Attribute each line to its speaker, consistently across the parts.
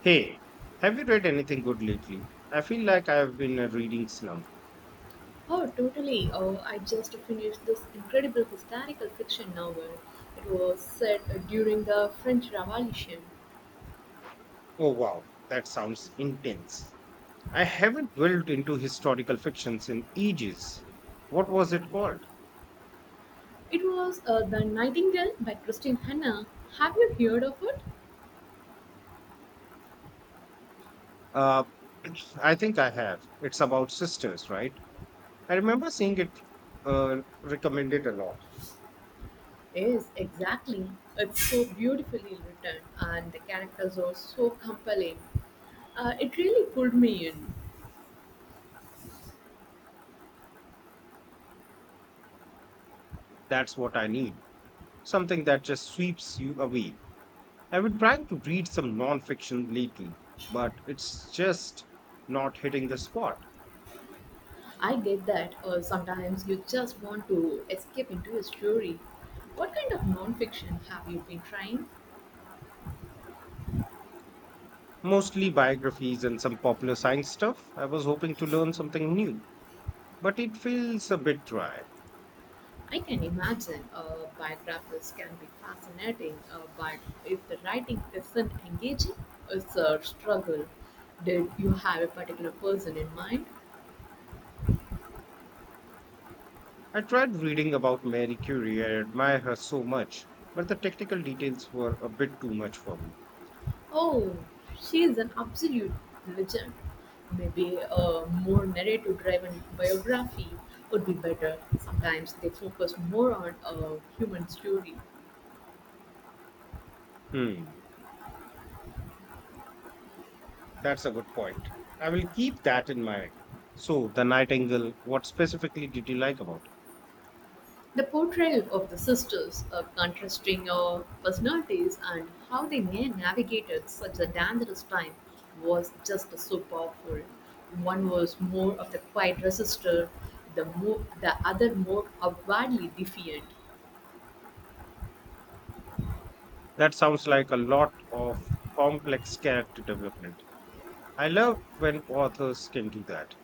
Speaker 1: Hey, have you read anything good lately? I feel like I've been in a reading slump.
Speaker 2: Oh, totally. Oh, I just finished this incredible historical fiction novel. It was set during the French Revolution.
Speaker 1: Oh wow, that sounds intense. I haven't dwelled into historical fictions in ages. What was it called?
Speaker 2: It was The Nightingale by Christine Hanna. Have you heard of it?
Speaker 1: Uh, I think I have. It's about sisters, right? I remember seeing it, recommended a lot.
Speaker 2: Yes, exactly. It's so beautifully written, and the characters are so compelling. It really pulled me in.
Speaker 1: That's what I need. Something that just sweeps you away. I've been trying to read some non-fiction lately, but it's just not hitting the spot.
Speaker 2: I get that, sometimes you just want to escape into a story. What kind of non-fiction have you been trying?
Speaker 1: Mostly biographies and some popular science stuff. I was hoping to learn something new, but it feels a bit dry.
Speaker 2: I can imagine, biographies can be fascinating, but if the writing isn't engaging, it's a struggle. Did you have a particular person in mind?
Speaker 1: I tried reading about Mary Curie, I admire her so much, but the technical details were a bit too much for me.
Speaker 2: Oh, she is an absolute legend. Maybe a more narrative driven biography would be better. Sometimes they focus more on a human story.
Speaker 1: Hmm, that's a good point. I will keep that in mind. So, the Nightingale, what specifically did you like about it?
Speaker 2: The portrayal of the sisters, contrasting personalities, and how they navigated such a dangerous time was just so powerful. One was more of the quiet resistor, the, more, the other more outwardly defiant.
Speaker 1: That sounds like a lot of complex character development. I love when authors can do that.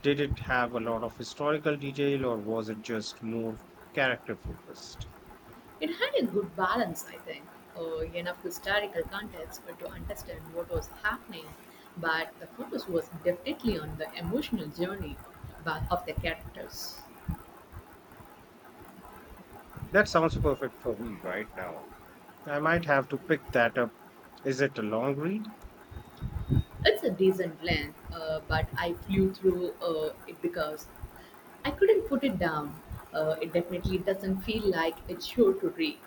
Speaker 1: Did it have a lot of historical detail or was it just more character focused?
Speaker 2: It had a good balance, I think, enough historical context to understand what was happening, but the focus was definitely on the emotional journey of the characters.
Speaker 1: That sounds perfect for me right now. I might have to pick that up. Is it a long read?
Speaker 2: It's a decent length, but I flew through it because I couldn't put it down. It definitely doesn't feel like it's sure to read.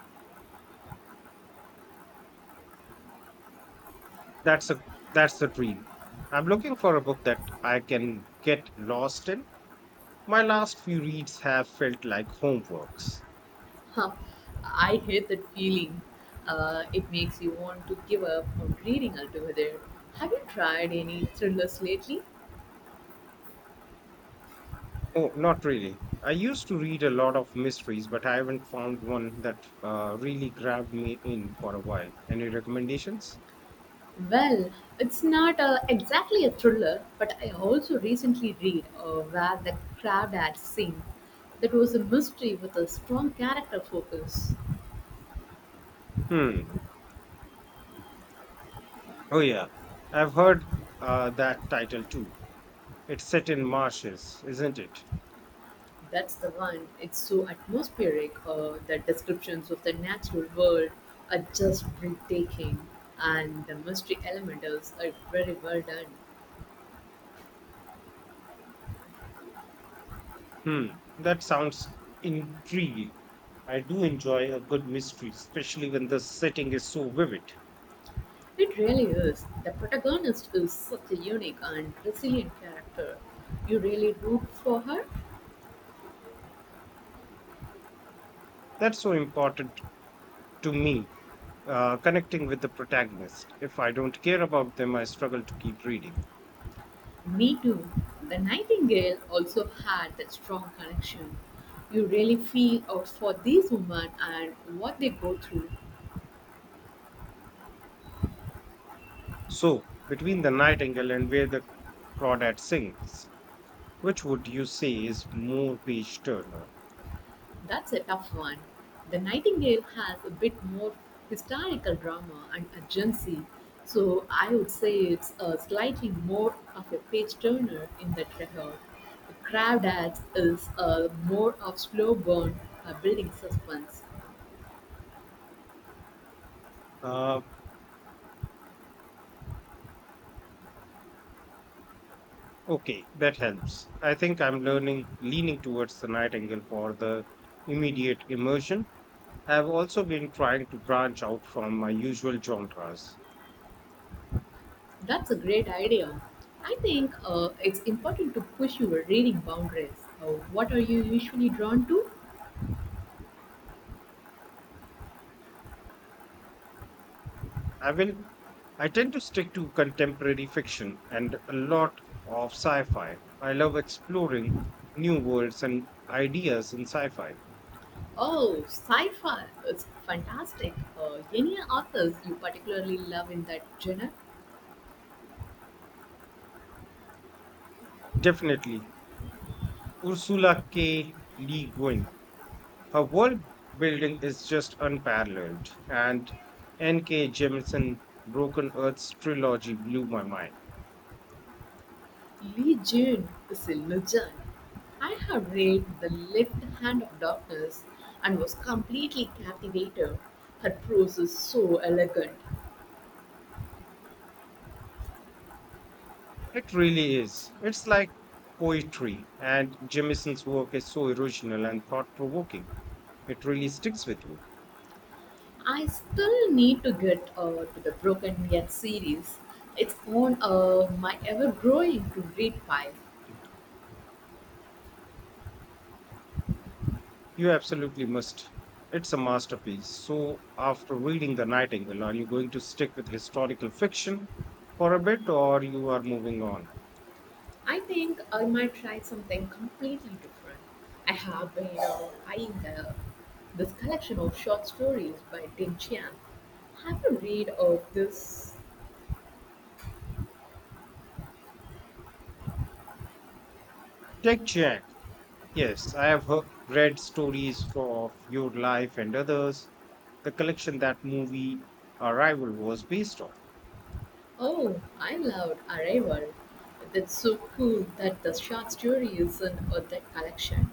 Speaker 1: That's a that's a dream. I'm looking for a book that I can get lost in. My last few reads have felt like homeworks.
Speaker 2: Huh. I hate that feeling. It makes you want to give up on reading altogether. Have you tried any thrillers lately?
Speaker 1: Oh, not really. I used to read a lot of mysteries, but I haven't found one that really grabbed me in for a while. Any recommendations?
Speaker 2: Well, it's not exactly a thriller, but I also recently read Where the Crowd Had Seen. That was a mystery with a strong character focus.
Speaker 1: Hmm. Oh, yeah. I've heard, that title too. It's set in marshes, isn't it?
Speaker 2: That's the one. It's so atmospheric. The descriptions of the natural world are just breathtaking, and the mystery elements are very well done.
Speaker 1: Hmm. That sounds intriguing. I do enjoy a good mystery, especially when the setting is so vivid.
Speaker 2: It really is. The protagonist is such a unique and resilient character. You really root for her?
Speaker 1: That's so important to me, connecting with the protagonist. If I don't care about them, I struggle to keep reading.
Speaker 2: Me too. The Nightingale also had that strong connection. You really feel out for these women and what they go through.
Speaker 1: So, between The Nightingale and Where the Crawdad Sings, which would you say is more page turner?
Speaker 2: That's a tough one. The Nightingale has a bit more historical drama and urgency, so I would say it's a slightly more of a page turner in that regard. The Crawdads is a more of slow burn, building suspense.
Speaker 1: Uh, okay, that helps. I think I'm leaning towards the Nightingale for the immediate immersion. I've also been trying to branch out from my usual genres.
Speaker 2: That's a great idea. I think, it's important to push your reading boundaries. What are you usually drawn to?
Speaker 1: I will, I tend to stick to contemporary fiction and a lot of sci-fi. I love exploring new worlds and ideas in sci-fi.
Speaker 2: Oh, sci-fi! It's fantastic. Any authors you particularly love in that genre?
Speaker 1: Definitely, Ursula K. Le Guin. Her world building is just unparalleled, and N.K. Jemisin Broken Earth's trilogy blew my mind.
Speaker 2: Lee Jun is a legend. I have read The Left Hand of Darkness and was completely captivated. Her prose is so elegant.
Speaker 1: It really is. It's like poetry, and Jemison's work is so original and thought provoking. It really sticks with you.
Speaker 2: I still need to get to the Broken Yet series. It's on my ever-growing to-read pile.
Speaker 1: You absolutely must. It's a masterpiece. So, after reading The Nightingale, are you going to stick with historical fiction for a bit or you are moving on?
Speaker 2: I think I might try something completely different. I have been eyeing the, this collection of short stories by Tim Chiang. Have you read of this?
Speaker 1: Tech Jack. Yes, I have read stories for, of your life and others. The collection that movie Arrival was based on.
Speaker 2: Oh, I loved Arrival. That's so cool that the short story is in that collection.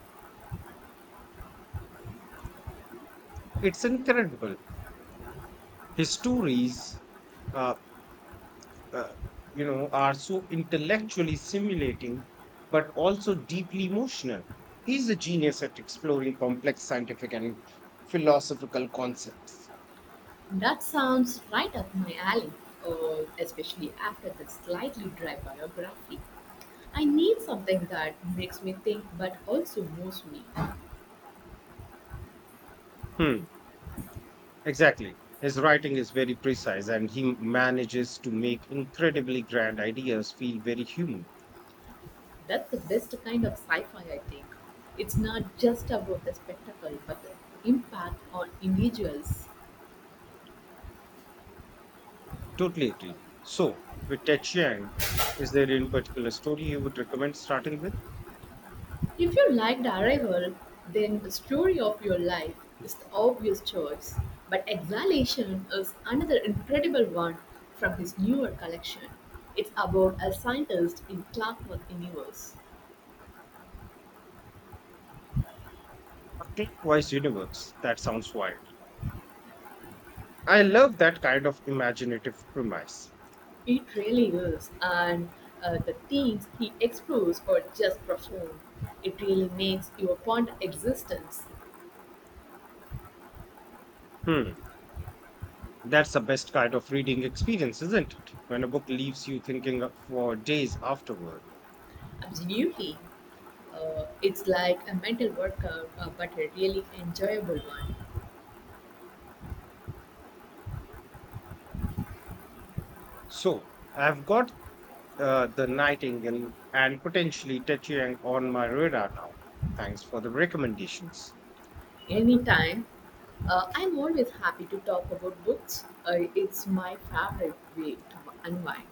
Speaker 1: It's incredible. His stories, uh, uh, are so intellectually stimulating, but also deeply emotional. He's a genius at exploring complex scientific and philosophical concepts.
Speaker 2: That sounds right up my alley, especially after the slightly dry biography. I need something that makes me think but also moves me.
Speaker 1: Hmm, exactly. His writing is very precise and he manages to make incredibly grand ideas feel very human.
Speaker 2: That's the best kind of sci fi, I think. It's not just about the spectacle, but the impact on individuals.
Speaker 1: Totally agree. So, with Ted Chiang, is there any particular story you would recommend starting with?
Speaker 2: If you liked Arrival, then the story of your life
Speaker 1: A
Speaker 2: is the obvious choice. But Exhalation is another incredible one from his newer collection. It's about a scientist in Clockwork Universe.
Speaker 1: clockwise universe. That sounds wild. I love that kind of imaginative premise.
Speaker 2: It really is, and the themes he explores are just profound. It really makes you ponder existence.
Speaker 1: Hmm. That's the best kind of reading experience, isn't it? When a book leaves you thinking for days afterward.
Speaker 2: Absolutely. It's like a mental workout, but a really enjoyable one.
Speaker 1: So, I've got, The Nightingale and potentially Tachiang on my radar now. Thanks for the recommendations.
Speaker 2: Anytime. I'm always happy to talk about books. It's my favorite way to unwind.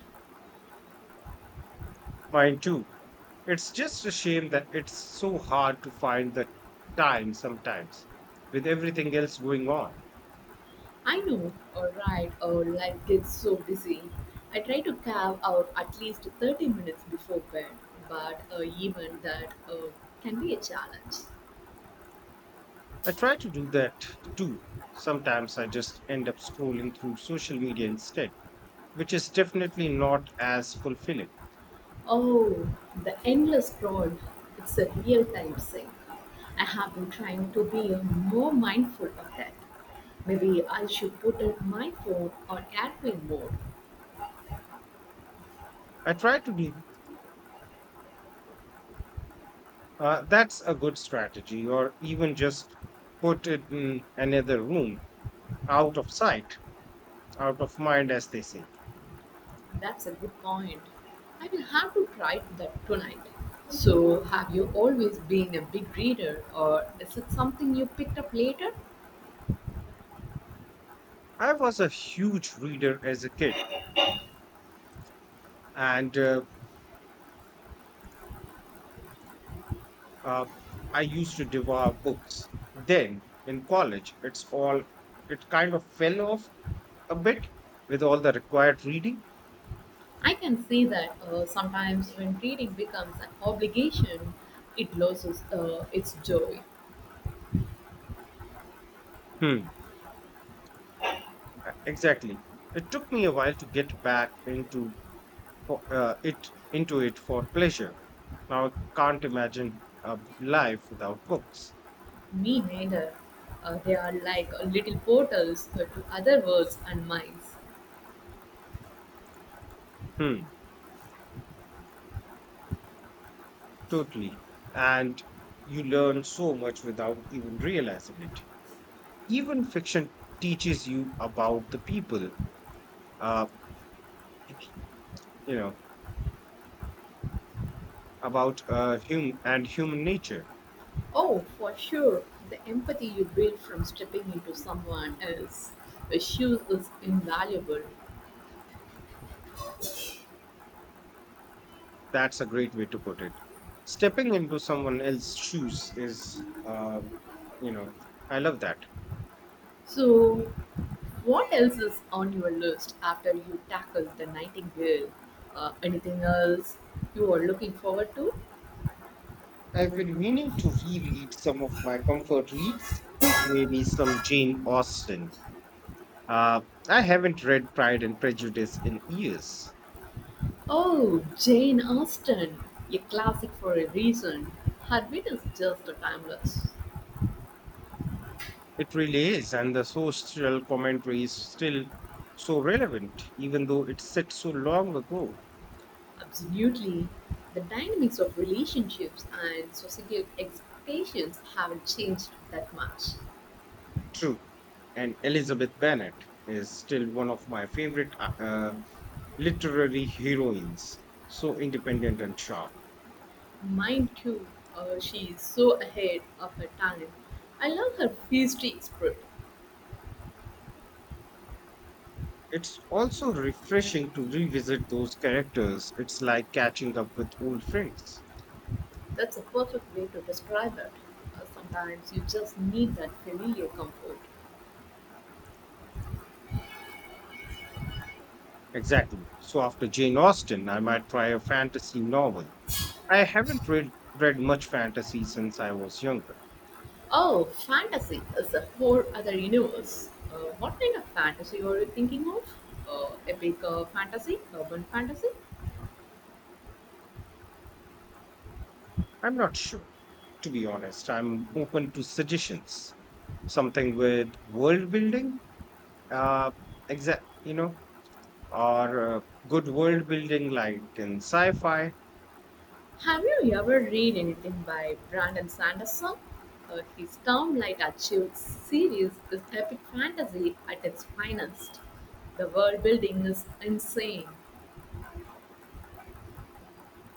Speaker 1: Mine too. It's just a shame that it's so hard to find the time sometimes with everything else going on.
Speaker 2: I know, alright, or life gets so busy. I try to carve out at least 30 minutes before bed, but even that can be a challenge.
Speaker 1: I try to do that too. Sometimes I just end up scrolling through social media instead, which is definitely not as fulfilling.
Speaker 2: Oh, the endless scroll. It's a real time sink. I have been trying to be more mindful of that. Maybe I should put in my phone on airplane mode.
Speaker 1: I try to do That's a good strategy, or even just put it in another room, out of sight, out of mind, as they say.
Speaker 2: That's a good point. I will have to try that tonight. So, have you always been a big reader, or is it something you picked up later?
Speaker 1: I was a huge reader as a kid, and uh, I used to devour books. Then in college, it kind of fell off a bit with all the required reading.
Speaker 2: I can see that, sometimes when reading becomes an obligation, it loses its joy.
Speaker 1: Hmm. Exactly. It took me a while to get back into fo- it into it for pleasure. Now I can't imagine life without books.
Speaker 2: Me neither. They are like little portals to other worlds and minds.
Speaker 1: Hmm. Totally. And you learn so much without even realizing it. Even fiction teaches you about the people, uh, you know, and human nature.
Speaker 2: Oh, for sure. The empathy you build from stepping into someone else's shoes is invaluable.
Speaker 1: That's a great way to put it. Stepping into someone else's shoes is, you know, I love that.
Speaker 2: So, what else is on your list after you tackle the nightingale? Anything else you are looking forward to?
Speaker 1: I've been meaning to reread some of my comfort reads, maybe some Jane Austen. Uh, I haven't read Pride and Prejudice in years.
Speaker 2: Oh, Jane Austen, a classic for a reason. Her wit is just timeless.
Speaker 1: It really is, and the social commentary is still so relevant, even though it's set so long ago.
Speaker 2: Absolutely. The dynamics of relationships and societal expectations haven't changed that much.
Speaker 1: True. And Elizabeth Bennet is still one of my favorite, literary heroines, so independent and sharp.
Speaker 2: Mine too. She is so ahead of her time. I love her feisty spirit.
Speaker 1: It's also refreshing to revisit those characters. It's like catching up with old friends.
Speaker 2: That's a perfect way to describe it. Sometimes you just need that familiar comfort.
Speaker 1: Exactly. So after Jane Austen, I might try a fantasy novel. I haven't read much fantasy since I was younger.
Speaker 2: Oh, fantasy is a whole other universe. What kind of fantasy are you thinking of? Epic fantasy? Urban fantasy?
Speaker 1: I'm not sure, to be honest. I'm open to suggestions. Something with world building, uh, exact, you know, or good world building like in sci-fi.
Speaker 2: Have you ever read anything by Brandon Sanderson? His Stormlight Light series is epic fantasy at its finest. The world building is insane.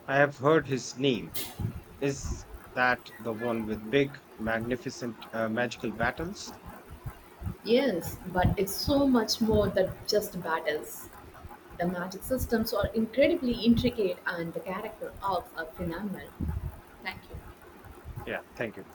Speaker 1: I have heard his name. Is that the one with big, magnificent, magical battles?
Speaker 2: Yes, but it's so much more than just battles. The magic systems are incredibly intricate and the character arcs are phenomenal. Thank you.
Speaker 1: Yeah, thank you.